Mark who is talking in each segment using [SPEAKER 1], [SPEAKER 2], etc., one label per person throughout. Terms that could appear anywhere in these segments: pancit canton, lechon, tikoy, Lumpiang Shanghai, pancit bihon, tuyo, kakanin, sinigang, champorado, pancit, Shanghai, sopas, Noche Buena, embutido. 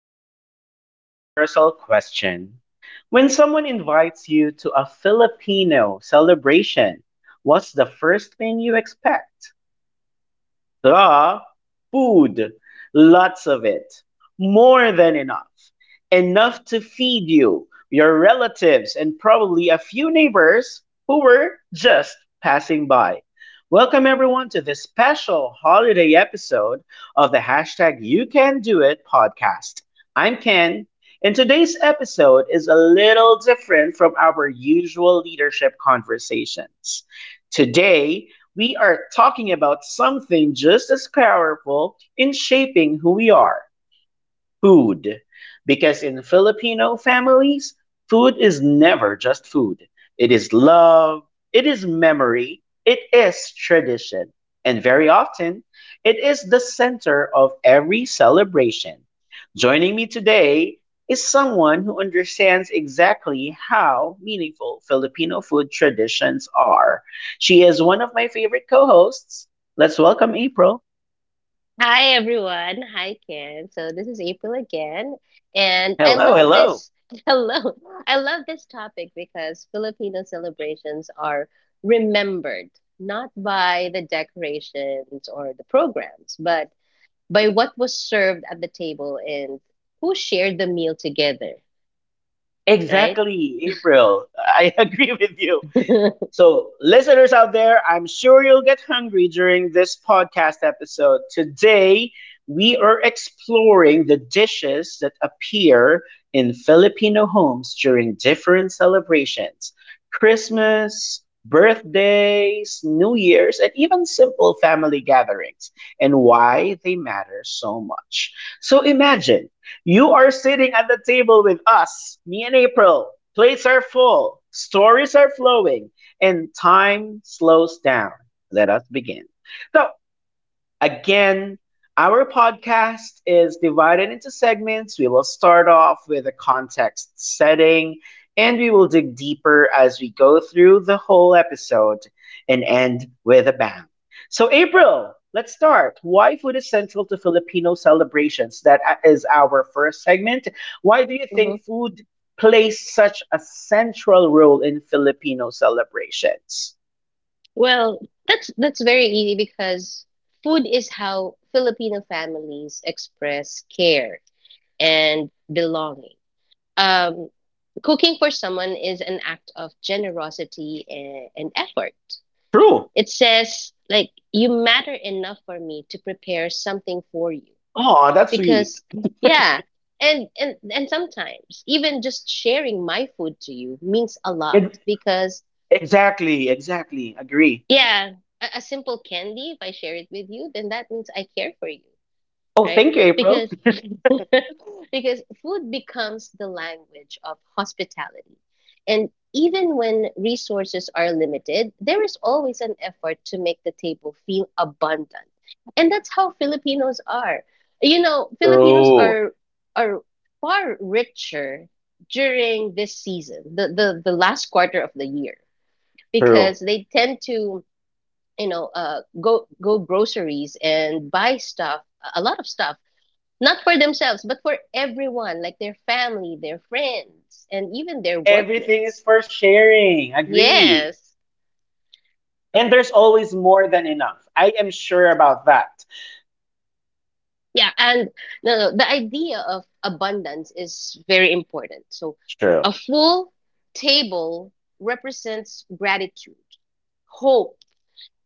[SPEAKER 1] start with a universal question. When someone invites you to a Filipino celebration, what's the first thing you expect? The food, lots of it, more than enough, enough to feed you, your relatives, and probably a few neighbors who were just passing by. Welcome everyone to this special holiday episode of the #YouCanDoIt podcast. I'm Ken, and today's episode is a little different from our usual leadership conversations. Today, we are talking about something just as powerful in shaping who we are, food, because in Filipino families, food is never just food. It is love, it is memory, it is tradition, and very often, it is the center of every celebration. Joining me today is someone who understands exactly how meaningful Filipino food traditions are. She is one of my favorite co hosts. Let's welcome April.
[SPEAKER 2] Hi everyone. Hi Ken. So this is April again, and I
[SPEAKER 1] Hello,
[SPEAKER 2] love
[SPEAKER 1] hello.
[SPEAKER 2] this. Hello. I love this topic because Filipino celebrations are remembered not by the decorations or the programs, but by what was served at the table and who shared the meal together, right?
[SPEAKER 1] Exactly, April. I agree with you. So, listeners out there, I'm sure you'll get hungry during this podcast episode. Today, we are exploring the dishes that appear in Filipino homes during different celebrations: Christmas, birthdays, New Year's, and even simple family gatherings, and why they matter so much. So, imagine you are sitting at the table with us, me and April. Plates are full, stories are flowing, and time slows down. Let us begin. So, again, our podcast is divided into segments. We will start off with a context setting, and we will dig deeper as we go through the whole episode and end with a bang. So, April, let's start. Why food is central to Filipino celebrations? That is our first segment. Why do you
[SPEAKER 2] Mhm.
[SPEAKER 1] think food plays such a central role in Filipino celebrations?
[SPEAKER 2] Well, that's very easy because food is how Filipino families express care and belonging. Um, Cooking for someone is an act of generosity and effort.
[SPEAKER 1] True.
[SPEAKER 2] It says like you matter enough for me to prepare something for you
[SPEAKER 1] Oh, that's sweet.
[SPEAKER 2] because yeah, and sometimes even just sharing my food to you means a lot
[SPEAKER 1] It
[SPEAKER 2] because
[SPEAKER 1] Exactly, exactly. Agree.
[SPEAKER 2] yeah, a simple candy, if I share it with you, then that means I care for you,
[SPEAKER 1] Oh,
[SPEAKER 2] right?
[SPEAKER 1] thank you, April.
[SPEAKER 2] Because because food becomes the language of hospitality. And even when resources are limited, there is always an effort to make the table feel abundant. And that's how Filipinos are. You know, Filipinos
[SPEAKER 1] True.
[SPEAKER 2] are far richer during this season, the last quarter of the year, because
[SPEAKER 1] True.
[SPEAKER 2] they tend to, you know, go groceries and buy stuff, a lot of stuff, not for themselves but for everyone, like their family, their friends, and even their
[SPEAKER 1] Everything is
[SPEAKER 2] workmates.
[SPEAKER 1] for sharing. Agree.
[SPEAKER 2] Yes.
[SPEAKER 1] And there's always more than enough. I am sure about that.
[SPEAKER 2] Yeah, and no, no, the idea of abundance is very important, so a
[SPEAKER 1] True.
[SPEAKER 2] full table represents gratitude, hope,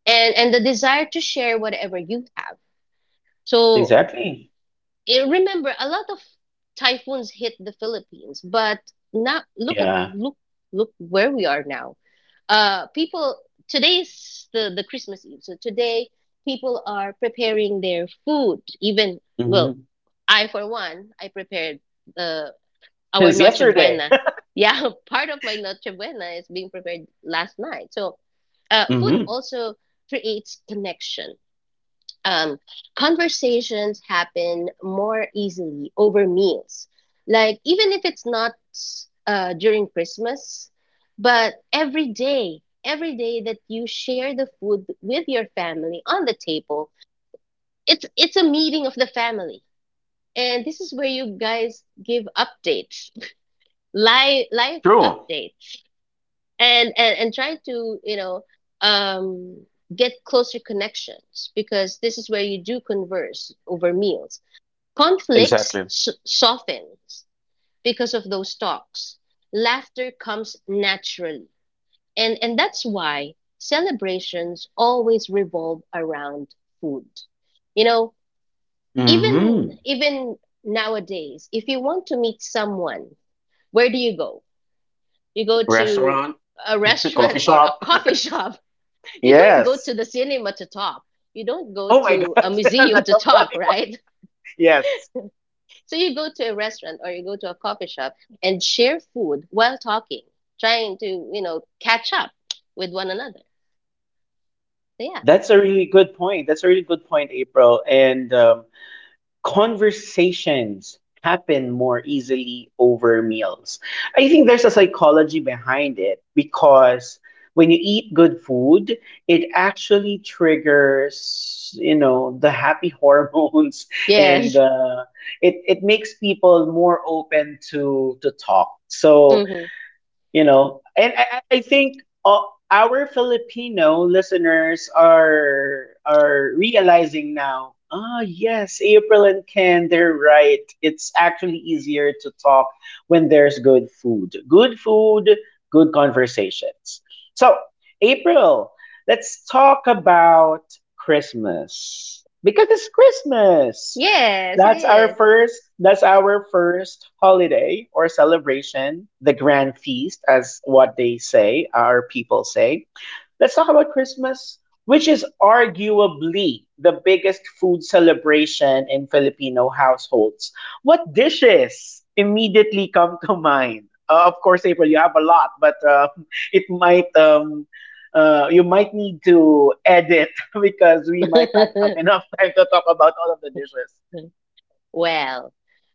[SPEAKER 2] and the desire to share whatever you have. So
[SPEAKER 1] Exactly.
[SPEAKER 2] remember a lot of typhoons hit the Philippines, but now look at
[SPEAKER 1] Yeah.
[SPEAKER 2] look look where we are now. People, today's the Christmas Eve, so today people are preparing their food. Even well,
[SPEAKER 1] Mm-hmm.
[SPEAKER 2] I for one, I prepared uh, our
[SPEAKER 1] Since
[SPEAKER 2] Noche
[SPEAKER 1] yesterday.
[SPEAKER 2] Buena. Yeah, part of my Noche Buena is being prepared last night. So food
[SPEAKER 1] Mm-hmm.
[SPEAKER 2] also creates connection. um, Conversations happen more easily over meals. Like, even if it's not during Christmas, but every day that you share the food with your family on the table, it's a meeting of the family. And this is where you guys give updates, live
[SPEAKER 1] True.
[SPEAKER 2] updates, and try to, you know, um get closer connections, because this is where you do converse over meals. Conflicts
[SPEAKER 1] Exactly.
[SPEAKER 2] softens because of those talks, laughter comes naturally, and that's why celebrations always revolve around food. You know, even
[SPEAKER 1] Mm-hmm.
[SPEAKER 2] even nowadays, if you want to meet someone, where do you go? You go to
[SPEAKER 1] Restaurant.
[SPEAKER 2] a
[SPEAKER 1] Coffee
[SPEAKER 2] restaurant or a
[SPEAKER 1] shop.
[SPEAKER 2] coffee shop. You don't go
[SPEAKER 1] Yes.
[SPEAKER 2] to the cinema to talk. You don't go
[SPEAKER 1] Oh my
[SPEAKER 2] to a
[SPEAKER 1] gosh.
[SPEAKER 2] museum
[SPEAKER 1] That's
[SPEAKER 2] to
[SPEAKER 1] a
[SPEAKER 2] talk,
[SPEAKER 1] funny one.
[SPEAKER 2] right?
[SPEAKER 1] Yes.
[SPEAKER 2] So you go to a restaurant or you go to a coffee shop and share food while talking, trying to, you know, catch up with one another. So yeah.
[SPEAKER 1] That's a really good point. That's a really good point, April. And conversations happen more easily over meals. I think there's a psychology behind it because when you eat good food, it actually triggers, you know, the happy hormones and
[SPEAKER 2] Yes.
[SPEAKER 1] it makes people more open to talk. So,
[SPEAKER 2] Hmm.
[SPEAKER 1] and I think, our Filipino listeners are realizing now, ah, yes, April and Ken, they're right. It's actually easier to talk when there's good food, good conversations. So, April, let's talk about Christmas because it's Christmas.
[SPEAKER 2] Yes,
[SPEAKER 1] that's our
[SPEAKER 2] it
[SPEAKER 1] first that's our first holiday or celebration, the grand feast, as what they say, our people say. Let's talk about Christmas, which is arguably the biggest food celebration in Filipino households. What dishes immediately come to mind? Of course, April, you have a lot, but it might, you might need to edit because we might not have
[SPEAKER 2] is.
[SPEAKER 1] enough time to talk about all of the dishes.
[SPEAKER 2] Well,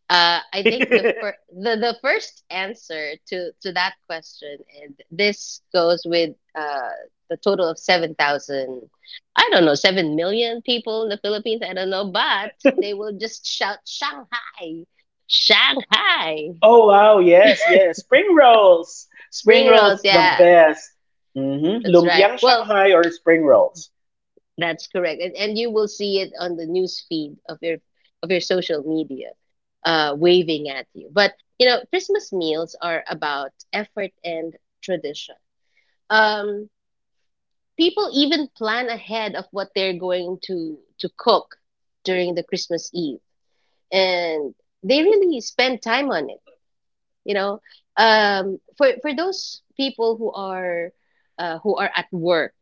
[SPEAKER 2] I think the first answer to that question, and this goes with the total of 7,000, I don't know, 7 million people in the Philippines, I don't know, but they will just shout Shanghai, Shanghai,
[SPEAKER 1] Oh wow, yes, yes. Spring rolls. Spring
[SPEAKER 2] spring rolls,
[SPEAKER 1] rolls the
[SPEAKER 2] yeah,
[SPEAKER 1] best. Mm-hmm.
[SPEAKER 2] that's right.
[SPEAKER 1] Lumpiang
[SPEAKER 2] Well,
[SPEAKER 1] Shanghai or spring rolls.
[SPEAKER 2] that's correct, and you will see it on the news feed of your social media, waving at you. But you know, Christmas meals are about effort and tradition. Um, People even plan ahead of what they're going to cook during the Christmas Eve, and they really spend time on it. You know, for those people who are at work,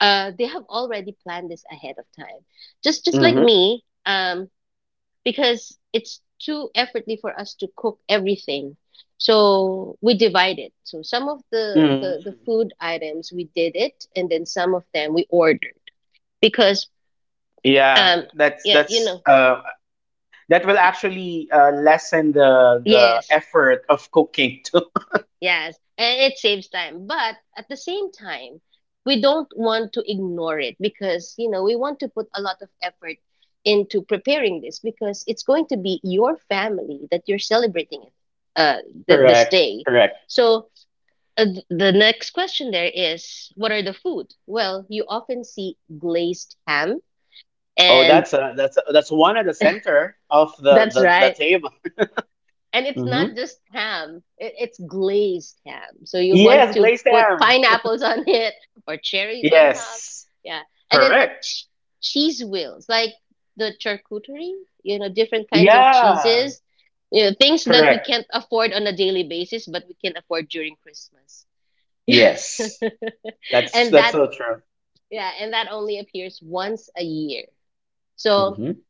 [SPEAKER 2] they have already planned this ahead of time, just like
[SPEAKER 1] Mm-hmm.
[SPEAKER 2] me, because it's too effortly for us to cook everything, so we divide it. So some of the
[SPEAKER 1] Mm-hmm.
[SPEAKER 2] food items we did it, and then some of them we ordered because
[SPEAKER 1] Yeah,
[SPEAKER 2] um yeah, you know.
[SPEAKER 1] that will actually lessen the
[SPEAKER 2] Yes.
[SPEAKER 1] effort of cooking too.
[SPEAKER 2] Yes, and it saves time. But at the same time, we don't want to ignore it because, you know, we want to put a lot of effort into preparing this, because it's going to be your family that you're celebrating it uh th this
[SPEAKER 1] Correct,
[SPEAKER 2] day.
[SPEAKER 1] correct.
[SPEAKER 2] So the next question there is, what are the food? Well, you often see glazed ham,
[SPEAKER 1] Oh,
[SPEAKER 2] and
[SPEAKER 1] that's a, that's one at the center of the
[SPEAKER 2] that's
[SPEAKER 1] the, the
[SPEAKER 2] right.
[SPEAKER 1] table.
[SPEAKER 2] And it's
[SPEAKER 1] Mm-hmm.
[SPEAKER 2] not just ham, it's glazed ham. So you want
[SPEAKER 1] Yes,
[SPEAKER 2] to
[SPEAKER 1] glazed
[SPEAKER 2] put
[SPEAKER 1] ham.
[SPEAKER 2] pineapples on it or cherries on top.
[SPEAKER 1] Yes,
[SPEAKER 2] Yeah. And then
[SPEAKER 1] correct.
[SPEAKER 2] ch- cheese wheels, like the charcuterie, you know, different kinds of
[SPEAKER 1] Yeah,
[SPEAKER 2] cheeses, you know, things that we
[SPEAKER 1] correct.
[SPEAKER 2] can't afford on a daily basis, but we can afford during Christmas.
[SPEAKER 1] Yes. That's
[SPEAKER 2] And
[SPEAKER 1] that's
[SPEAKER 2] that,
[SPEAKER 1] so true.
[SPEAKER 2] yeah, and that only appears once a year. So
[SPEAKER 1] Hmm.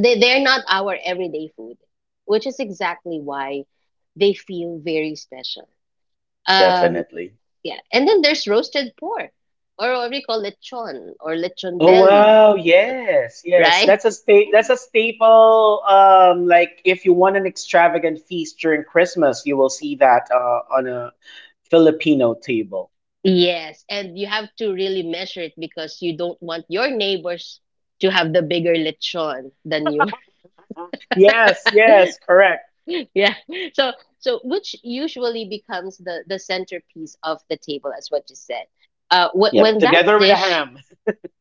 [SPEAKER 2] they they're not our everyday food, which is exactly why they feel very special. Um,
[SPEAKER 1] Definitely.
[SPEAKER 2] yeah, and then there's roasted pork, or what we call lechon or lechon
[SPEAKER 1] Oh
[SPEAKER 2] belly,
[SPEAKER 1] wow, yes, yes.
[SPEAKER 2] right?
[SPEAKER 1] That's a staple. Like if you want an extravagant feast during Christmas, you will see that on a Filipino table.
[SPEAKER 2] Yes, and you have to really measure it because you don't want your neighbors to have the bigger lechon than you.
[SPEAKER 1] Yes, yes, correct.
[SPEAKER 2] Yeah, so so which usually becomes the centerpiece of the table, as what you said. Wh-
[SPEAKER 1] Yep,
[SPEAKER 2] when that
[SPEAKER 1] together with a
[SPEAKER 2] dish
[SPEAKER 1] ham.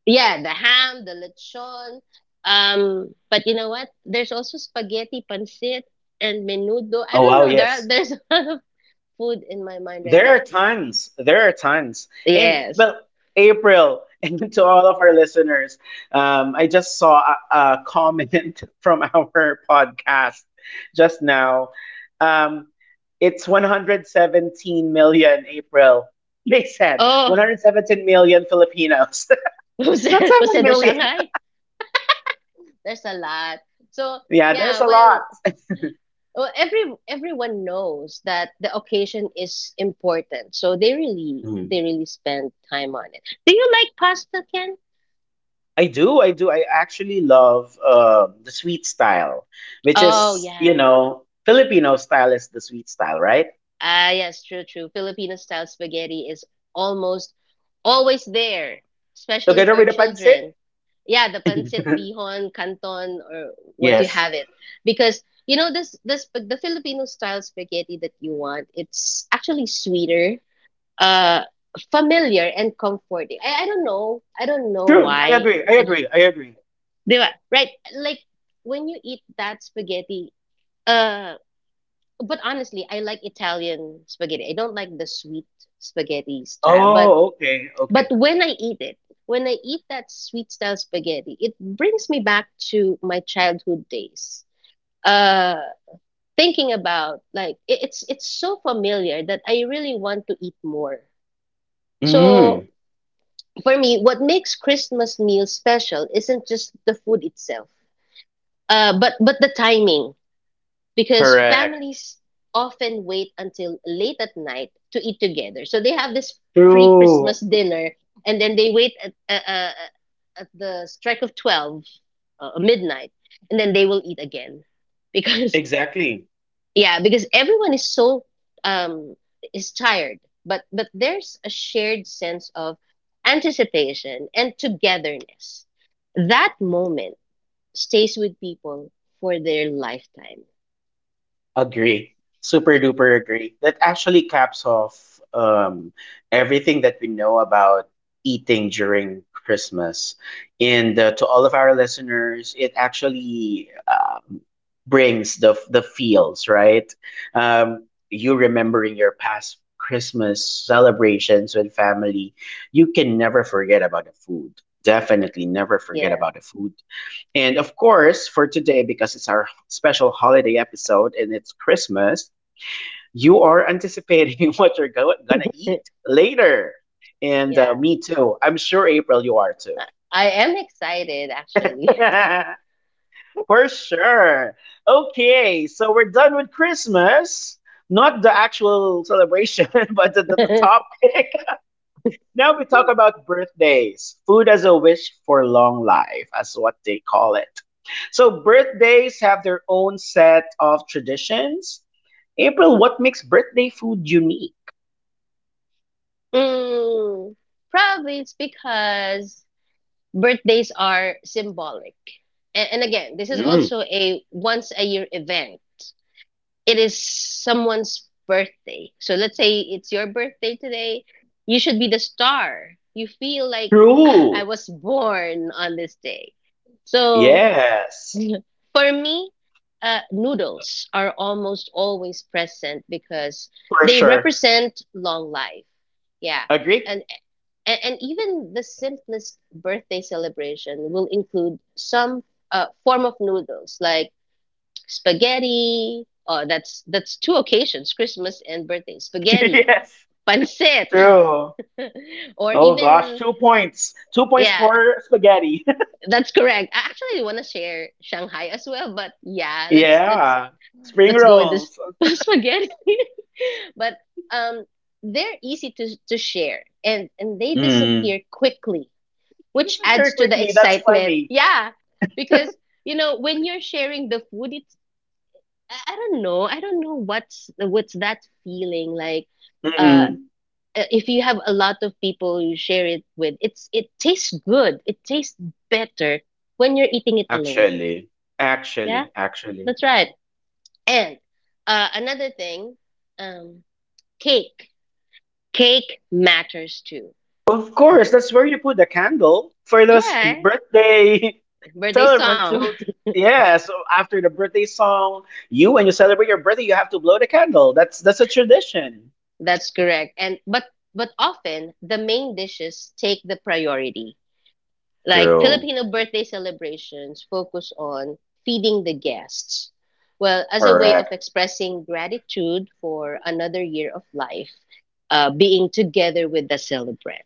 [SPEAKER 2] Yeah, the ham, the lechon. But you know what? There's also spaghetti, pancit, and menudo. I
[SPEAKER 1] Oh
[SPEAKER 2] don't
[SPEAKER 1] wow,
[SPEAKER 2] know. There are,
[SPEAKER 1] yes.
[SPEAKER 2] there's a lot of food in my mind right
[SPEAKER 1] There are
[SPEAKER 2] now.
[SPEAKER 1] tons. There are tons. And,
[SPEAKER 2] Yes.
[SPEAKER 1] well, April, and to all of our listeners, I just saw a comment from our podcast just now. Um, it's 117 million, April. They said
[SPEAKER 2] Oh,
[SPEAKER 1] 117 million Filipinos, not
[SPEAKER 2] who
[SPEAKER 1] 7
[SPEAKER 2] said the
[SPEAKER 1] million.
[SPEAKER 2] Shanghai? There's a lot. So
[SPEAKER 1] Yeah, there's
[SPEAKER 2] yeah,
[SPEAKER 1] a lot.
[SPEAKER 2] well, well, everyone knows that the occasion is important, so they really spend time on it. Do you like pasta, Ken?
[SPEAKER 1] I do, I do. I actually love the sweet style, which
[SPEAKER 2] Oh
[SPEAKER 1] is, you
[SPEAKER 2] yeah.
[SPEAKER 1] know, Filipino style is the sweet style, right?
[SPEAKER 2] Ah, yes, true. Filipino style spaghetti is almost always there, especially
[SPEAKER 1] Together
[SPEAKER 2] for
[SPEAKER 1] with the pancit.
[SPEAKER 2] children. Yeah, the pancit bihon, canton, or what you
[SPEAKER 1] Yes.
[SPEAKER 2] have it. Because you know this this the Filipino style spaghetti that you want, it's actually sweeter, uh, familiar and comforting. I don't know. I don't know
[SPEAKER 1] True. I
[SPEAKER 2] why.
[SPEAKER 1] agree. I
[SPEAKER 2] I, don't-
[SPEAKER 1] agree. I agree.
[SPEAKER 2] Di ba? Right? Like when you eat that spaghetti, uh but honestly, I like Italian spaghetti. I don't like the sweet spaghetti style. But
[SPEAKER 1] Oh, okay. Okay.
[SPEAKER 2] when I eat it, when I eat that sweet style spaghetti, it brings me back to my childhood days. Uh, Thinking about like it's so familiar that I really want to eat more. So
[SPEAKER 1] Mm,
[SPEAKER 2] for me, what makes Christmas meal special isn't just the food itself, but the timing because
[SPEAKER 1] correct.
[SPEAKER 2] families often wait until late at night to eat together. So they have this pre Christmas
[SPEAKER 1] True.
[SPEAKER 2] dinner, and then they wait at the strike of 12, midnight, and then they will eat again. Because,
[SPEAKER 1] Exactly.
[SPEAKER 2] yeah, because everyone is so, um, is tired. But there's a shared sense of anticipation and togetherness. That moment stays with people for their lifetime.
[SPEAKER 1] Agree. Super duper agree. That actually caps off everything that we know about eating during Christmas. And to all of our listeners, it actually brings the feels, right? Um, you remembering your past Christmas celebrations with family, you can never forget about the food. Definitely never forget
[SPEAKER 2] Yeah.
[SPEAKER 1] about the food. And of course, for today, because it's our special holiday episode and it's Christmas, you are anticipating what you're gonna eat later. And
[SPEAKER 2] Yeah,
[SPEAKER 1] me too. I'm sure, April, you are too.
[SPEAKER 2] I I am excited actually.
[SPEAKER 1] For sure. Okay, so we're done with Christmas. Not the actual celebration, but the topic. Now we talk about birthdays. Food as a wish for long life, as what they call it. So birthdays have their own set of traditions. April, what makes birthday food unique?
[SPEAKER 2] Mm, probably it's because birthdays are symbolic. And again, this is
[SPEAKER 1] Mm,
[SPEAKER 2] also a once a year event. It is someone's birthday. So let's say it's your birthday today, you should be the star. You feel like, "Ah, I
[SPEAKER 1] true.
[SPEAKER 2] was born on this day." So.
[SPEAKER 1] Yes.
[SPEAKER 2] For me, noodles are almost always present because
[SPEAKER 1] For
[SPEAKER 2] they
[SPEAKER 1] sure.
[SPEAKER 2] represent long life. Yeah.
[SPEAKER 1] Agree?
[SPEAKER 2] And, and even the simplest birthday celebration will include some form of noodles, like spaghetti. Oh, that's two occasions, Christmas and birthday. Spaghetti,
[SPEAKER 1] Yes.
[SPEAKER 2] pancit,
[SPEAKER 1] True.
[SPEAKER 2] or
[SPEAKER 1] Oh gosh,
[SPEAKER 2] even
[SPEAKER 1] two points. Two points
[SPEAKER 2] yeah,
[SPEAKER 1] for spaghetti.
[SPEAKER 2] that's correct. I actually want to share Shanghai as well, but yeah,
[SPEAKER 1] Yeah. Spring
[SPEAKER 2] let's go with this
[SPEAKER 1] rolls.
[SPEAKER 2] spaghetti. But um, they're easy to share, and they
[SPEAKER 1] Mm.
[SPEAKER 2] disappear quickly, which
[SPEAKER 1] Just very
[SPEAKER 2] adds to the
[SPEAKER 1] quickly. That's
[SPEAKER 2] excitement.
[SPEAKER 1] funny.
[SPEAKER 2] Yeah, because you know when you're sharing the food, it's I don't know what's that feeling like. Uh,
[SPEAKER 1] Mm-mm.
[SPEAKER 2] if you have a lot of people you share it with, it's it tastes good. It tastes better when you're eating it alone.
[SPEAKER 1] Actually,
[SPEAKER 2] Yeah,
[SPEAKER 1] actually, actually.
[SPEAKER 2] that's right. And another thing, um. Cake. Cake matters too.
[SPEAKER 1] Of course, that's where you put the candle for those
[SPEAKER 2] Yeah,
[SPEAKER 1] birthday
[SPEAKER 2] birthday
[SPEAKER 1] celebrant
[SPEAKER 2] song.
[SPEAKER 1] to. Yeah, so after the birthday song, you when you celebrate your birthday, you have to blow the candle. That's a tradition.
[SPEAKER 2] That's correct. And but often the main dishes take the priority. Like
[SPEAKER 1] True.
[SPEAKER 2] Filipino birthday celebrations focus on feeding the guests. Well, as a way of expressing gratitude for another year of life, being together with the celebrant,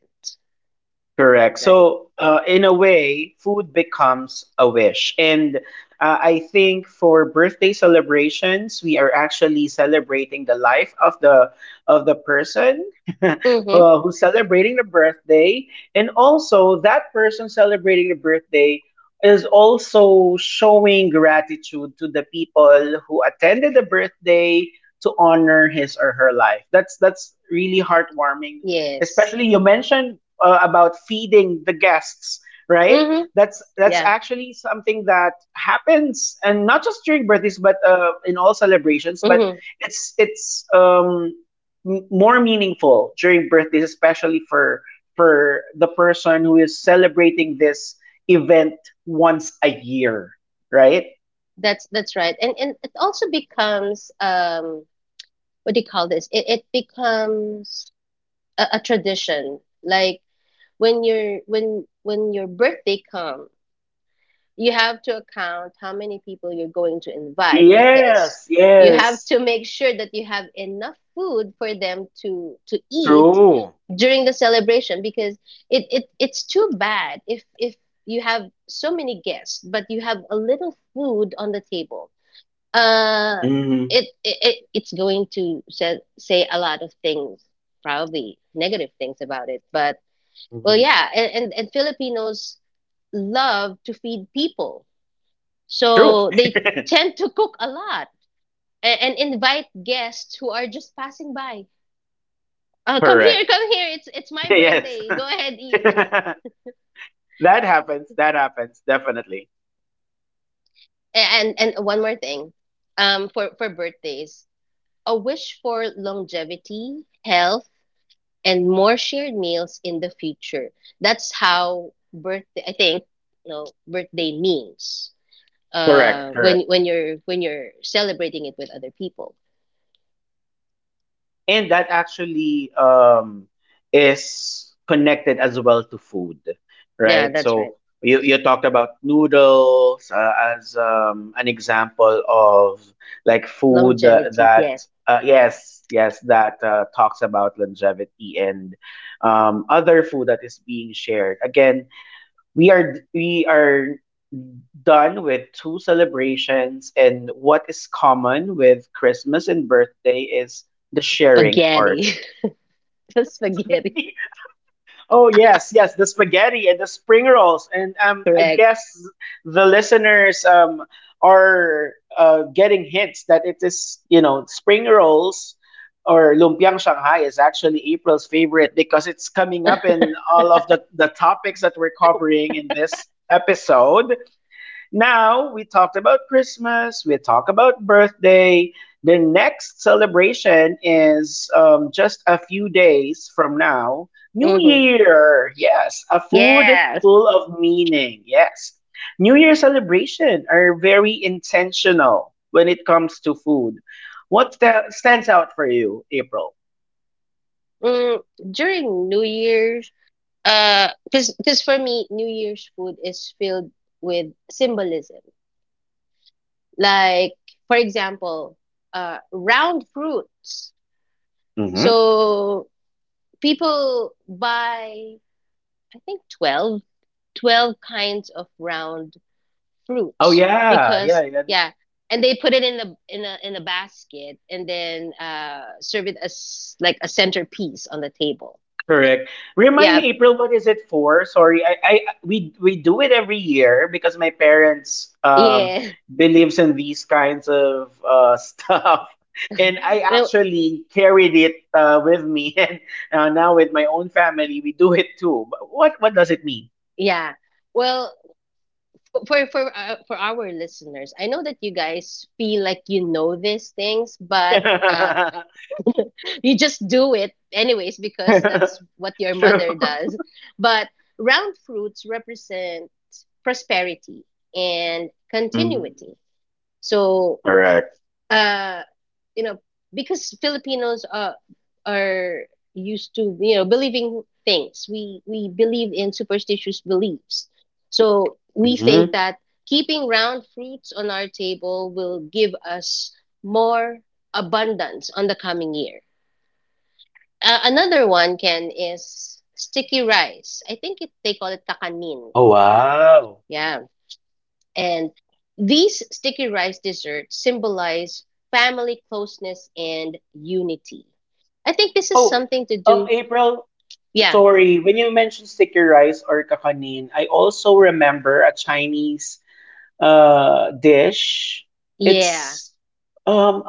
[SPEAKER 1] Correct.
[SPEAKER 2] right?
[SPEAKER 1] So, in a way, food becomes a wish. And I think for birthday celebrations, we are actually celebrating the life of the person uh,
[SPEAKER 2] Mm-hmm.
[SPEAKER 1] who's celebrating the birthday, and also that person celebrating the birthday is also showing gratitude to the people who attended the birthday to honor his or her life. That's really heartwarming.
[SPEAKER 2] Yes.
[SPEAKER 1] Especially you mentioned about feeding the guests, right?
[SPEAKER 2] Mm-hmm.
[SPEAKER 1] That's
[SPEAKER 2] Yeah.
[SPEAKER 1] actually something that happens, and not just during birthdays, but in all celebrations. But
[SPEAKER 2] Mm-hmm.
[SPEAKER 1] it's more meaningful during birthdays, especially for the person who is celebrating this event once a year, right?
[SPEAKER 2] That's right. And it also becomes what do you call this? It becomes a tradition. Like when your birthday comes, you have to account how many people you're going to invite, because
[SPEAKER 1] Yes,
[SPEAKER 2] you have
[SPEAKER 1] yes,
[SPEAKER 2] to make sure that you have enough food for them to eat
[SPEAKER 1] true.
[SPEAKER 2] during the celebration, because it it's too bad if you have so many guests but you have a little food on the table, uh,
[SPEAKER 1] Hmm.
[SPEAKER 2] it, it's going to say, say a lot of things, probably negative things about it. But well,
[SPEAKER 1] Hmm.
[SPEAKER 2] yeah, and Filipinos love to feed people,
[SPEAKER 1] True.
[SPEAKER 2] so they tend to cook a lot, and invite guests who are just passing by. Come here,
[SPEAKER 1] Correct.
[SPEAKER 2] come here. It's my
[SPEAKER 1] Yes.
[SPEAKER 2] birthday. Go ahead, eat.
[SPEAKER 1] That happens. That happens definitely.
[SPEAKER 2] And one more thing, for birthdays, a wish for longevity, health, and more shared meals in the future. That's how birthday, I think, you know birthday means
[SPEAKER 1] Correct,
[SPEAKER 2] uh when
[SPEAKER 1] correct.
[SPEAKER 2] when you're when you're celebrating it with other people.
[SPEAKER 1] And that actually is connected as well to food,
[SPEAKER 2] Yeah,
[SPEAKER 1] right?
[SPEAKER 2] that's right.
[SPEAKER 1] So you talked about noodles as an example of like food,
[SPEAKER 2] Longevity, yes.
[SPEAKER 1] that, yes, yes, that talks about longevity, and other food that is being shared. Again, we are done with two celebrations, and what is common with Christmas and birthday is the sharing
[SPEAKER 2] Spaghetti.
[SPEAKER 1] part.
[SPEAKER 2] The spaghetti.
[SPEAKER 1] Spaghetti. Oh, yes, yes, the spaghetti and the spring rolls. And I
[SPEAKER 2] Correct.
[SPEAKER 1] guess the listeners, are, getting hints that it is, spring rolls or lumpiang shanghai is actually April's favorite, because it's coming up in all of the topics that we're covering in this episode. Now we talked about Christmas, we talked about birthday. The next celebration is just a few days from now. New
[SPEAKER 2] Mm-hmm.
[SPEAKER 1] Year, yes, a food
[SPEAKER 2] Yes.
[SPEAKER 1] full of meaning, yes. New Year celebration are very intentional when it comes to food. What stands out for you, April?
[SPEAKER 2] Mm, during New Year's, 'cause for me, New Year's food is filled with symbolism. Like, for example, round fruits.
[SPEAKER 1] Hmm.
[SPEAKER 2] So people buy, I think 12, 12 kinds of round
[SPEAKER 1] Oh
[SPEAKER 2] fruits
[SPEAKER 1] yeah, yeah,
[SPEAKER 2] because,
[SPEAKER 1] yeah.
[SPEAKER 2] yeah, and they put it in a basket and then serve it as like a centerpiece on the table.
[SPEAKER 1] Correct. Remind
[SPEAKER 2] Yeah,
[SPEAKER 1] me, April, what is it for? Sorry, I we do it every year because my parents
[SPEAKER 2] yeah.
[SPEAKER 1] believes in these kinds of stuff, and I
[SPEAKER 2] Well,
[SPEAKER 1] actually carried it with me, and now with my own family, we do it too. But what does it mean?
[SPEAKER 2] yeah. Well, for our listeners, I know that you guys feel like you know these things, but, uh, you just do it anyways because that's what your
[SPEAKER 1] True.
[SPEAKER 2] mother does. But round fruits represent prosperity and
[SPEAKER 1] Mhm.
[SPEAKER 2] continuity. So,
[SPEAKER 1] Correct.
[SPEAKER 2] uh, you know, because Filipinos are used to, you know, believing things. We believe in superstitious beliefs. So we think
[SPEAKER 1] Mhm.
[SPEAKER 2] that keeping round fruits on our table will give us more abundance on the coming year. Uh, another one can is sticky rice. I think it, they call it kakanin.
[SPEAKER 1] Oh
[SPEAKER 2] No?
[SPEAKER 1] wow.
[SPEAKER 2] Yeah. And these sticky rice desserts symbolize family closeness and unity. I think this is
[SPEAKER 1] Oh,
[SPEAKER 2] something to do.
[SPEAKER 1] April,
[SPEAKER 2] Yeah.
[SPEAKER 1] sorry. When you mentioned sticky rice or kakanin, I also remember a Chinese dish.
[SPEAKER 2] Yeah.
[SPEAKER 1] It's um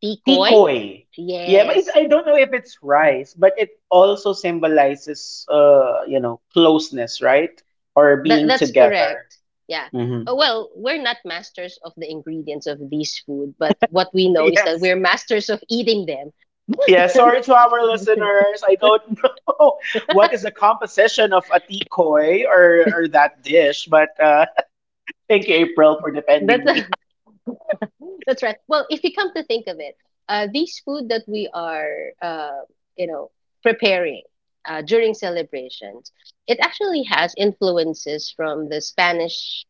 [SPEAKER 2] Tikoy?
[SPEAKER 1] tikoy. Yeah, but it's,
[SPEAKER 2] Yes.
[SPEAKER 1] I don't know if it's rice, but it also symbolizes, closeness, right? Or
[SPEAKER 2] That,
[SPEAKER 1] being
[SPEAKER 2] that's
[SPEAKER 1] together.
[SPEAKER 2] correct. Yeah.
[SPEAKER 1] Hmm.
[SPEAKER 2] Well, we're not masters of the ingredients of these food, but what we know is that
[SPEAKER 1] Yes.
[SPEAKER 2] we're masters of eating them.
[SPEAKER 1] Yeah, sorry to our listeners. I don't know what is the composition of a tikoy or that dish, but thank you, April, for
[SPEAKER 2] That's...
[SPEAKER 1] defending me.
[SPEAKER 2] That's right. Well, if you come to think of it, these food that we are, uh, you know, preparing, during celebrations, it actually has influences from the Spanish,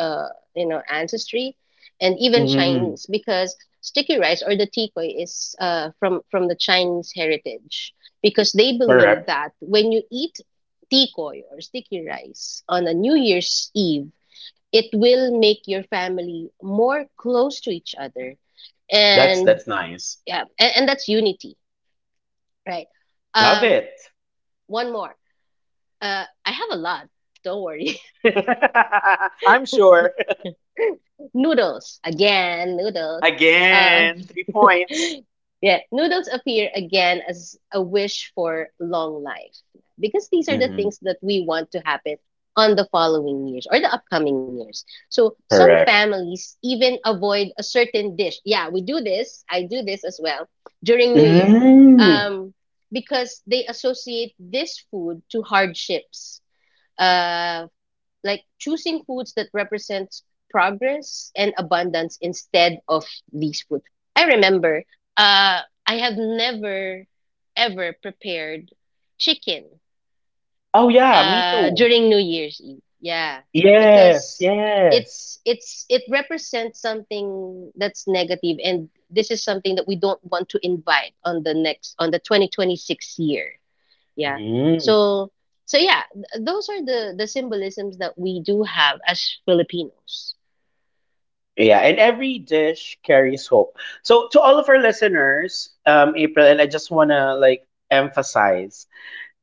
[SPEAKER 2] uh, you know, ancestry, and even
[SPEAKER 1] Mm,
[SPEAKER 2] Chinese, because sticky rice or the tikoy is, from the Chinese heritage, because they believe
[SPEAKER 1] correct.
[SPEAKER 2] that when you eat tikoy or sticky rice on a New Year's Eve, it will make your family more close to each other,
[SPEAKER 1] That's
[SPEAKER 2] and
[SPEAKER 1] that's nice.
[SPEAKER 2] yeah, and that's unity, right?
[SPEAKER 1] Love
[SPEAKER 2] Um,
[SPEAKER 1] it.
[SPEAKER 2] one more. Uh, I have a lot, don't worry.
[SPEAKER 1] I'm sure.
[SPEAKER 2] Noodles, again, noodles. Uh,
[SPEAKER 1] Again, three points.
[SPEAKER 2] Yeah, noodles appear again as a wish for long life because these are the
[SPEAKER 1] Mm-hmm.
[SPEAKER 2] things that we want to happen on the following years or the upcoming years. So some
[SPEAKER 1] Correct.
[SPEAKER 2] families even avoid a certain dish. Yeah, we do this. I do this as well during New Year,
[SPEAKER 1] Mm.
[SPEAKER 2] um, because they associate this food to hardships. Uh, like choosing foods that represents progress and abundance instead of these foods. I remember, uh, I have never ever prepared chicken,
[SPEAKER 1] Oh yeah, me
[SPEAKER 2] uh,
[SPEAKER 1] too.
[SPEAKER 2] during New Year's Eve. Yeah,
[SPEAKER 1] Yes,
[SPEAKER 2] because
[SPEAKER 1] yes.
[SPEAKER 2] it represents something that's negative, and this is something that we don't want to invite on the next on the 2026 year, yeah.
[SPEAKER 1] Mm.
[SPEAKER 2] So so yeah, those are the symbolisms that we do have as Filipinos.
[SPEAKER 1] Yeah, and every dish carries hope. So to all of our listeners, April, and I just wanna like emphasize,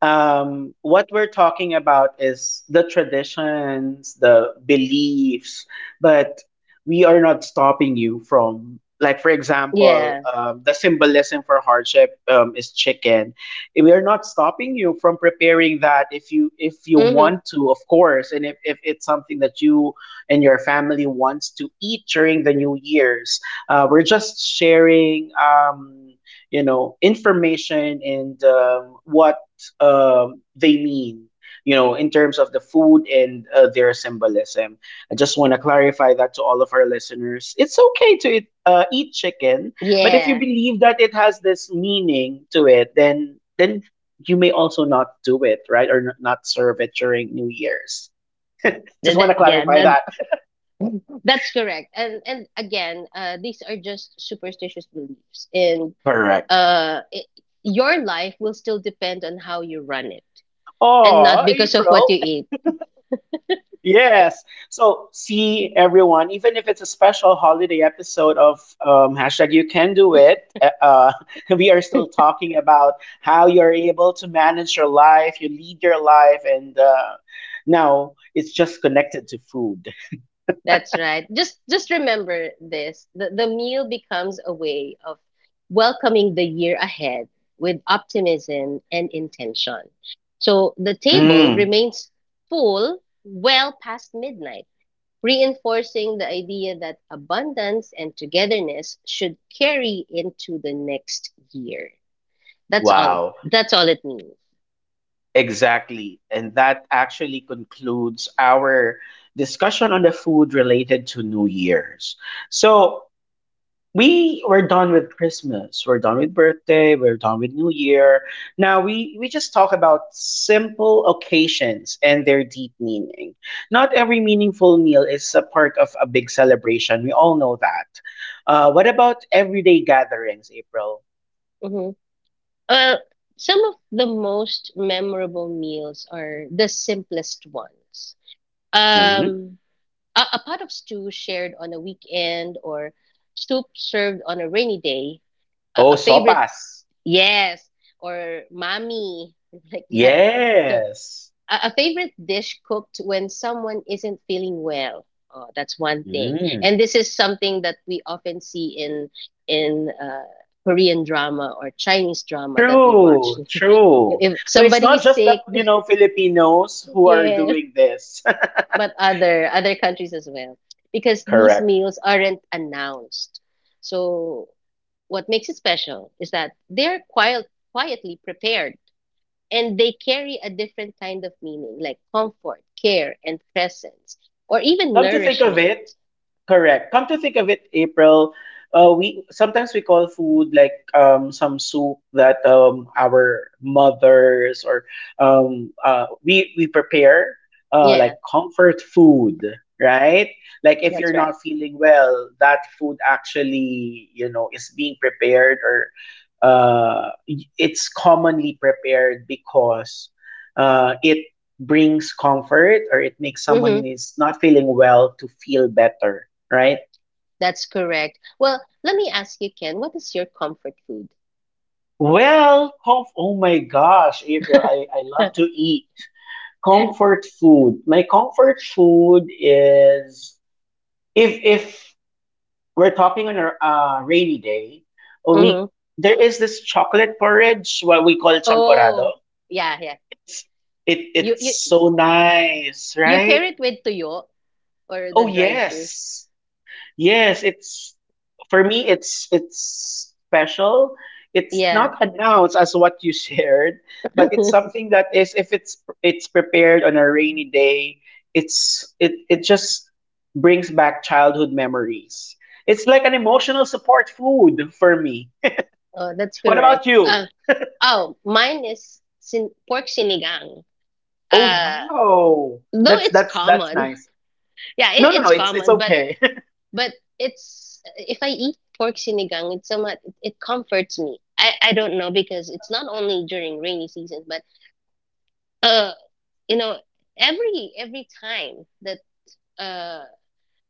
[SPEAKER 1] what we're talking about is the traditions, the beliefs, but we are not stopping you from, like, for example,
[SPEAKER 2] Yeah.
[SPEAKER 1] the symbolism for hardship, is chicken. We are not stopping you from preparing that if you
[SPEAKER 2] Mm-hmm.
[SPEAKER 1] want to, of course, and if it's something that you and your family wants to eat during the New Year's. We're just sharing. Information and what they mean, in terms of the food and their symbolism. I just want to clarify that to all of our listeners. It's okay to eat, eat chicken, but if you
[SPEAKER 2] Yeah.
[SPEAKER 1] believe that it has this meaning to it, then you may also not do it, right, or not serve it during New Year's. Just
[SPEAKER 2] that,
[SPEAKER 1] want
[SPEAKER 2] that
[SPEAKER 1] to
[SPEAKER 2] yeah
[SPEAKER 1] clarify
[SPEAKER 2] that
[SPEAKER 1] that.
[SPEAKER 2] that's correct, and again, uh, these are just superstitious beliefs, and
[SPEAKER 1] Correct.
[SPEAKER 2] uh, it, your life will still depend on how you run it, and not
[SPEAKER 1] Oh,
[SPEAKER 2] because of what
[SPEAKER 1] April.
[SPEAKER 2] you eat.
[SPEAKER 1] Yes. So see everyone, even if it's a special holiday episode of hashtag you can do it, eh, we are still talking about how you're able to manage your life, you lead your life, and now it's just connected to food.
[SPEAKER 2] That's right. Just remember this. The meal becomes a way of welcoming the year ahead with optimism and intention. So the table
[SPEAKER 1] Mm,
[SPEAKER 2] remains full well past midnight, reinforcing the idea that abundance and togetherness should carry into the next year. That's all
[SPEAKER 1] wow,
[SPEAKER 2] that's all it means.
[SPEAKER 1] exactly. And that actually concludes our discussion on the food related to New Year's. So, we were done with Christmas. We're done with birthday. We're done with New Year. Now we just talk about simple occasions and their deep meaning. Not every meaningful meal is a part of a big celebration. We all know that. What about everyday gatherings, April?
[SPEAKER 2] Mm-hmm. Well, some of the most memorable meals are the simplest ones.
[SPEAKER 1] Hmm.
[SPEAKER 2] Um, a pot of stew shared on a weekend, or soup served on a rainy day. A,
[SPEAKER 1] Oh,
[SPEAKER 2] a favorite,
[SPEAKER 1] sopas.
[SPEAKER 2] yes, or mommy, like that. So,
[SPEAKER 1] Yes.
[SPEAKER 2] a favorite dish cooked when someone isn't feeling well. Oh, that's one thing.
[SPEAKER 1] Mm.
[SPEAKER 2] And this is something that we often see in in uh, Korean drama or Chinese drama that we watch.
[SPEAKER 1] True, true.
[SPEAKER 2] If
[SPEAKER 1] So it's
[SPEAKER 2] somebody
[SPEAKER 1] not
[SPEAKER 2] is
[SPEAKER 1] just the
[SPEAKER 2] sick,
[SPEAKER 1] you know Filipinos who are
[SPEAKER 2] yes,
[SPEAKER 1] doing this.
[SPEAKER 2] but other countries as well, because these
[SPEAKER 1] Correct.
[SPEAKER 2] meals aren't announced. So what makes it special is that they're quiet, quietly prepared, and they carry a different kind of meaning, like comfort, care, and presence, or even
[SPEAKER 1] Come to think of
[SPEAKER 2] nourishment.
[SPEAKER 1] it, Correct. Come to think of it, April, we sometimes we call food like some soup that our mothers or we prepare like
[SPEAKER 2] Yeah,
[SPEAKER 1] comfort food, right? Like if
[SPEAKER 2] that's
[SPEAKER 1] you're
[SPEAKER 2] right.
[SPEAKER 1] not feeling well, that food actually you know is being prepared or uh, it's commonly prepared because it brings comfort or it makes someone
[SPEAKER 2] Mm-hmm.
[SPEAKER 1] who is not feeling well to feel better, right?
[SPEAKER 2] That's correct. Well, let me ask you, Ken, what is your comfort food?
[SPEAKER 1] Well, oh my gosh, April, I love to eat comfort food. My comfort food is if we're talking on a rainy day,
[SPEAKER 2] Mm-hmm.
[SPEAKER 1] we there is this chocolate porridge, what we call
[SPEAKER 2] Oh
[SPEAKER 1] champorado.
[SPEAKER 2] yeah, yeah.
[SPEAKER 1] It's
[SPEAKER 2] you
[SPEAKER 1] it's
[SPEAKER 2] you
[SPEAKER 1] so nice,
[SPEAKER 2] you
[SPEAKER 1] right?
[SPEAKER 2] pair it with tuyo or the
[SPEAKER 1] Oh
[SPEAKER 2] dried fish.
[SPEAKER 1] yes. Yes, it's for me it's special. It's
[SPEAKER 2] Yeah.
[SPEAKER 1] not announced as what you shared, but it's
[SPEAKER 2] Oh,
[SPEAKER 1] something that is if it's prepared on a rainy day, it just brings back childhood memories. It's like an emotional support food for me.
[SPEAKER 2] that's
[SPEAKER 1] What about
[SPEAKER 2] correct. Uh,
[SPEAKER 1] you?
[SPEAKER 2] oh, mine is pork sinigang.
[SPEAKER 1] Oh
[SPEAKER 2] Uh,
[SPEAKER 1] wow.
[SPEAKER 2] though
[SPEAKER 1] That's
[SPEAKER 2] it's
[SPEAKER 1] that's that's
[SPEAKER 2] common.
[SPEAKER 1] nice.
[SPEAKER 2] Yeah,
[SPEAKER 1] No,
[SPEAKER 2] it,
[SPEAKER 1] no, no,
[SPEAKER 2] it's
[SPEAKER 1] it's
[SPEAKER 2] common,
[SPEAKER 1] okay.
[SPEAKER 2] but it's, if I eat pork sinigang, it's somewhat it, it comforts me. I don't know, because it's not only during rainy season, but uh, you know, every time that, uh,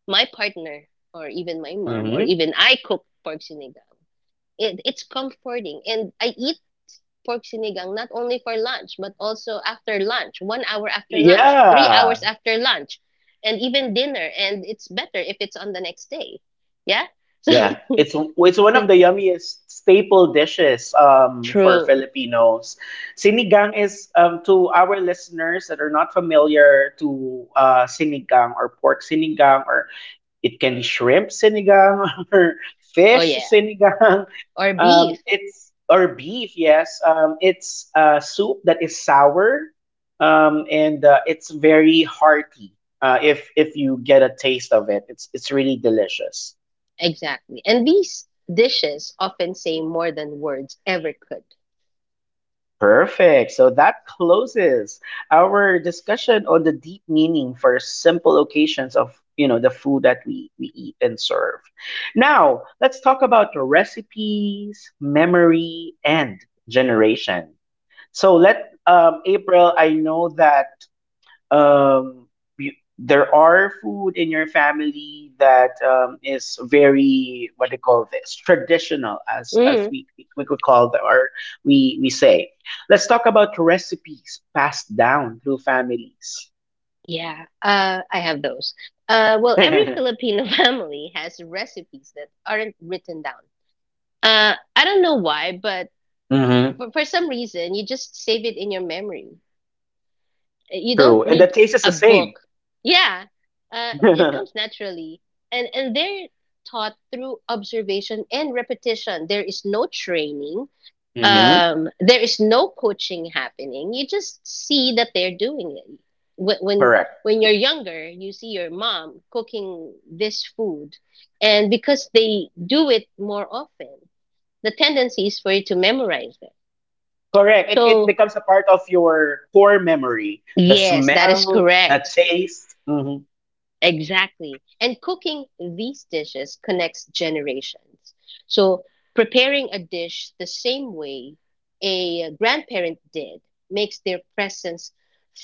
[SPEAKER 2] my partner, or even my mom, or
[SPEAKER 1] Hmm.
[SPEAKER 2] even I cook pork sinigang, it, it's comforting, and I eat pork sinigang not only for lunch but also after lunch, 1 hour after lunch, 3 hours
[SPEAKER 1] Yeah.
[SPEAKER 2] after lunch, and even dinner. And it's better if it's on the next day. Yeah.
[SPEAKER 1] Yeah, it's one
[SPEAKER 2] So
[SPEAKER 1] of the
[SPEAKER 2] so
[SPEAKER 1] yummiest staple dishes for
[SPEAKER 2] true.
[SPEAKER 1] Filipinos. Sinigang is to our listeners that are not familiar to sinigang or pork sinigang or it can be shrimp sinigang or
[SPEAKER 2] Oh
[SPEAKER 1] fish
[SPEAKER 2] yeah.
[SPEAKER 1] sinigang.
[SPEAKER 2] Or beef.
[SPEAKER 1] It's or beef, yes. It's a soup that is sour and it's very hearty. If you get a taste of it, it's really delicious.
[SPEAKER 2] Exactly. And these dishes often say more than words ever could.
[SPEAKER 1] Perfect. So that closes our discussion on the deep meaning for simple occasions of you know the food that we eat and serve. Now let's talk about the recipes, memory, and generation. So let April, I know that um you, there are food in your family that is very what do you call this traditional as
[SPEAKER 2] Hmm.
[SPEAKER 1] we could call them or we say let's talk about recipes passed down through families.
[SPEAKER 2] Yeah. I have those. Well, every
[SPEAKER 1] And
[SPEAKER 2] Filipino family has recipes that aren't written down. I don't know why, but
[SPEAKER 1] Mm-hmm.
[SPEAKER 2] for some reason, you just save it in your memory. You
[SPEAKER 1] True.
[SPEAKER 2] don't
[SPEAKER 1] And the
[SPEAKER 2] need
[SPEAKER 1] taste is
[SPEAKER 2] a
[SPEAKER 1] the same.
[SPEAKER 2] book. Yeah. It
[SPEAKER 1] Mm-hmm.
[SPEAKER 2] comes naturally. And they're taught through observation and repetition. There is no training, there is no coaching happening. You just see that they're doing it. Wh- When
[SPEAKER 1] Correct.
[SPEAKER 2] when you're younger, you see your mom cooking this food, and because they do it more often, the tendency is for you to memorize it.
[SPEAKER 1] Correct, it
[SPEAKER 2] So,
[SPEAKER 1] becomes a part of your core memory, the
[SPEAKER 2] yes, that is
[SPEAKER 1] smell, the
[SPEAKER 2] correct.
[SPEAKER 1] taste. Hmm.
[SPEAKER 2] Exactly. And cooking these dishes connects generations. So preparing a dish the same way a grandparent did makes their presence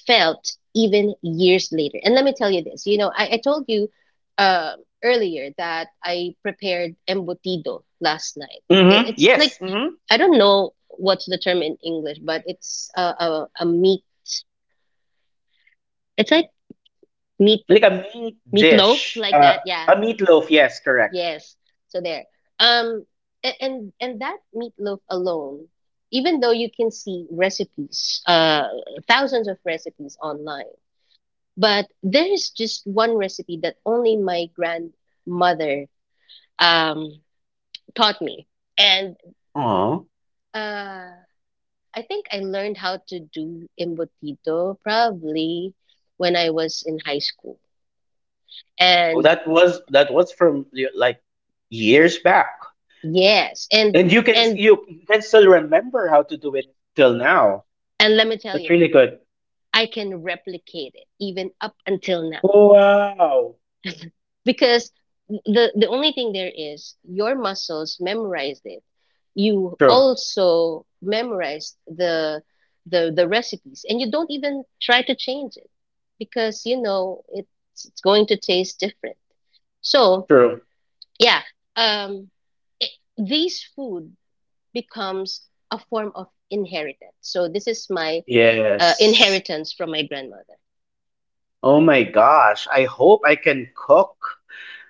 [SPEAKER 2] felt even years later. And let me tell you this, you know, I told you, uh, earlier that I prepared embutido last night.
[SPEAKER 1] Hmm,
[SPEAKER 2] It, it's like,
[SPEAKER 1] yes.
[SPEAKER 2] I don't know what's the term in English, but it's a meat, it's like meat,
[SPEAKER 1] Like a meat
[SPEAKER 2] meatloaf,
[SPEAKER 1] dish.
[SPEAKER 2] like that. Yeah.
[SPEAKER 1] A meatloaf, yes, correct.
[SPEAKER 2] Yes. So there. Um, and that meatloaf alone, even though you can see recipes, uh, thousands of recipes online, but there is just one recipe that only my grandmother, um, taught me. And, uh, I think I learned how to do embotito probably when I was in high school.
[SPEAKER 1] Oh,
[SPEAKER 2] And
[SPEAKER 1] that was from like years back.
[SPEAKER 2] yes, and
[SPEAKER 1] And you can
[SPEAKER 2] and
[SPEAKER 1] you can still remember how to do it till now.
[SPEAKER 2] and let me tell
[SPEAKER 1] That's
[SPEAKER 2] you,
[SPEAKER 1] really good.
[SPEAKER 2] I can replicate it even up until now,
[SPEAKER 1] Wow.
[SPEAKER 2] because the only thing there is, your muscles memorized it. You
[SPEAKER 1] True.
[SPEAKER 2] also memorized the recipes, and you don't even try to change it because you know it's going to taste different. So,
[SPEAKER 1] True.
[SPEAKER 2] yeah, um, it, these food becomes a form of inheritance. So this is my,
[SPEAKER 1] Yes.
[SPEAKER 2] inheritance from my grandmother.
[SPEAKER 1] Oh my gosh. I hope I can cook,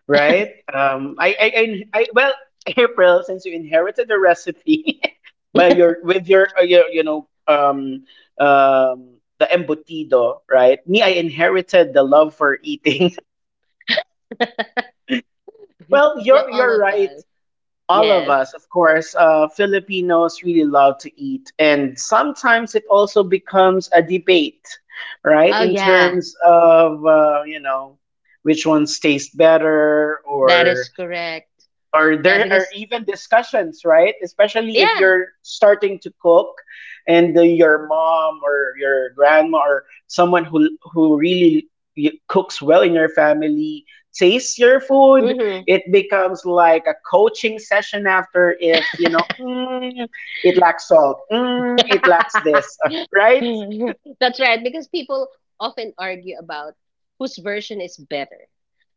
[SPEAKER 1] right? Well, April, since you inherited the recipe by your with your you know, the embutido, right? Me, I inherited the love for eating. Well,
[SPEAKER 2] Well, all
[SPEAKER 1] you're
[SPEAKER 2] of
[SPEAKER 1] right.
[SPEAKER 2] us.
[SPEAKER 1] All of
[SPEAKER 2] Yes.
[SPEAKER 1] us, of course, Filipinos really love to eat, and sometimes it also becomes a debate, right?
[SPEAKER 2] Oh,
[SPEAKER 1] In
[SPEAKER 2] yeah,
[SPEAKER 1] terms of you know which ones taste better
[SPEAKER 2] that is correct.
[SPEAKER 1] or
[SPEAKER 2] Yeah,
[SPEAKER 1] there are
[SPEAKER 2] because,
[SPEAKER 1] even discussions, right? Especially if
[SPEAKER 2] yeah.
[SPEAKER 1] you're starting to cook, and your mom or your grandma or someone who really cooks well in your family tastes your food.
[SPEAKER 2] Hmm.
[SPEAKER 1] It becomes like a coaching session after if you know mm, it lacks salt, mm, it lacks this, right?
[SPEAKER 2] That's right, because people often argue about whose version is better.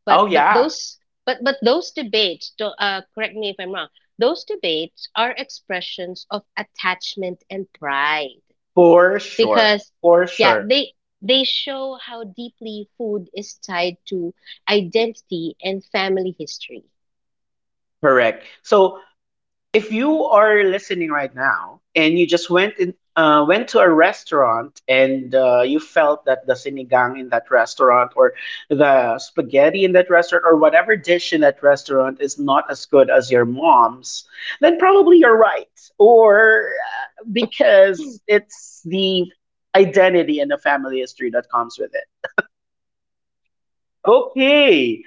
[SPEAKER 2] But
[SPEAKER 1] Oh
[SPEAKER 2] but
[SPEAKER 1] yeah,
[SPEAKER 2] those but those debates, to, correct me if I'm wrong, those debates are expressions of attachment and pride.
[SPEAKER 1] for sure,
[SPEAKER 2] Because,
[SPEAKER 1] for
[SPEAKER 2] yeah,
[SPEAKER 1] sure,
[SPEAKER 2] they show how deeply food is tied to identity and family history.
[SPEAKER 1] correct. So if you are listening right now and you just went in, went to a restaurant and you felt that the sinigang in that restaurant or the spaghetti in that restaurant or whatever dish in that restaurant is not as good as your mom's, then probably you're right. Or because it's the identity and the family history that comes with it. Okay,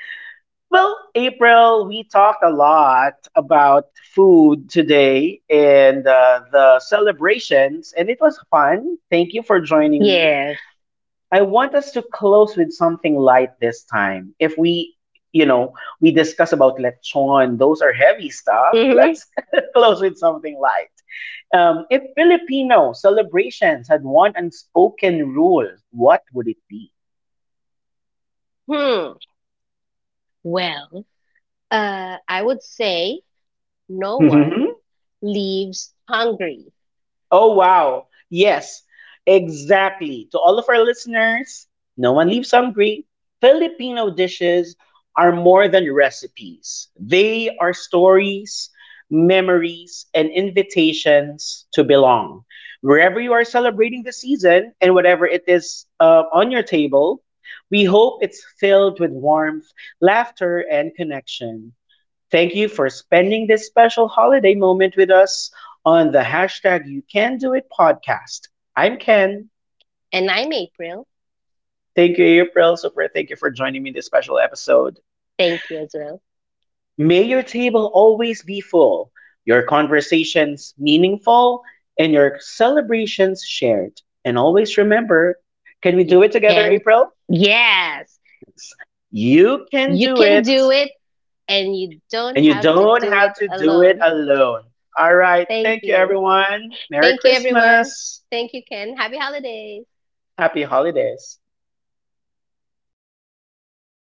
[SPEAKER 1] well, April, we talked a lot about food today and the celebrations, and it was fun. Thank you for joining me.
[SPEAKER 2] Yes.
[SPEAKER 1] I want us to close with something light this time. If we, you know, we discuss about lechon, those are heavy stuff.
[SPEAKER 2] Hmm.
[SPEAKER 1] Let's close with something light. If Filipino celebrations had one unspoken rule, what would it be?
[SPEAKER 2] Hmm. Well, I would say no one leaves hungry.
[SPEAKER 1] Oh, wow. Yes, exactly. To all of our listeners, no one leaves hungry. Filipino dishes are more than recipes, they are stories, memories, and invitations to belong. Wherever you are celebrating the season and whatever it is on your table, we hope it's filled with warmth, laughter, and connection. Thank you for spending this special holiday moment with us on the hashtag You Can Do It podcast. I'm Ken.
[SPEAKER 2] And I'm April.
[SPEAKER 1] Thank you, April. Super, thank you for joining me in this special episode.
[SPEAKER 2] Thank you as well.
[SPEAKER 1] May your table always be full, your conversations meaningful, and your celebrations shared. And always remember, can we
[SPEAKER 2] You
[SPEAKER 1] do it together,
[SPEAKER 2] can,
[SPEAKER 1] April?
[SPEAKER 2] yes,
[SPEAKER 1] Yes. You can
[SPEAKER 2] you
[SPEAKER 1] do
[SPEAKER 2] can
[SPEAKER 1] it,
[SPEAKER 2] do it, and you don't
[SPEAKER 1] and you
[SPEAKER 2] have to
[SPEAKER 1] don't
[SPEAKER 2] do
[SPEAKER 1] have
[SPEAKER 2] it
[SPEAKER 1] to do it
[SPEAKER 2] alone.
[SPEAKER 1] alone. All right.
[SPEAKER 2] Thank
[SPEAKER 1] Thank you,
[SPEAKER 2] you.
[SPEAKER 1] everyone. Merry
[SPEAKER 2] Thank you, everyone.
[SPEAKER 1] Christmas.
[SPEAKER 2] Thank you, Ken. Happy holidays.
[SPEAKER 1] Happy holidays.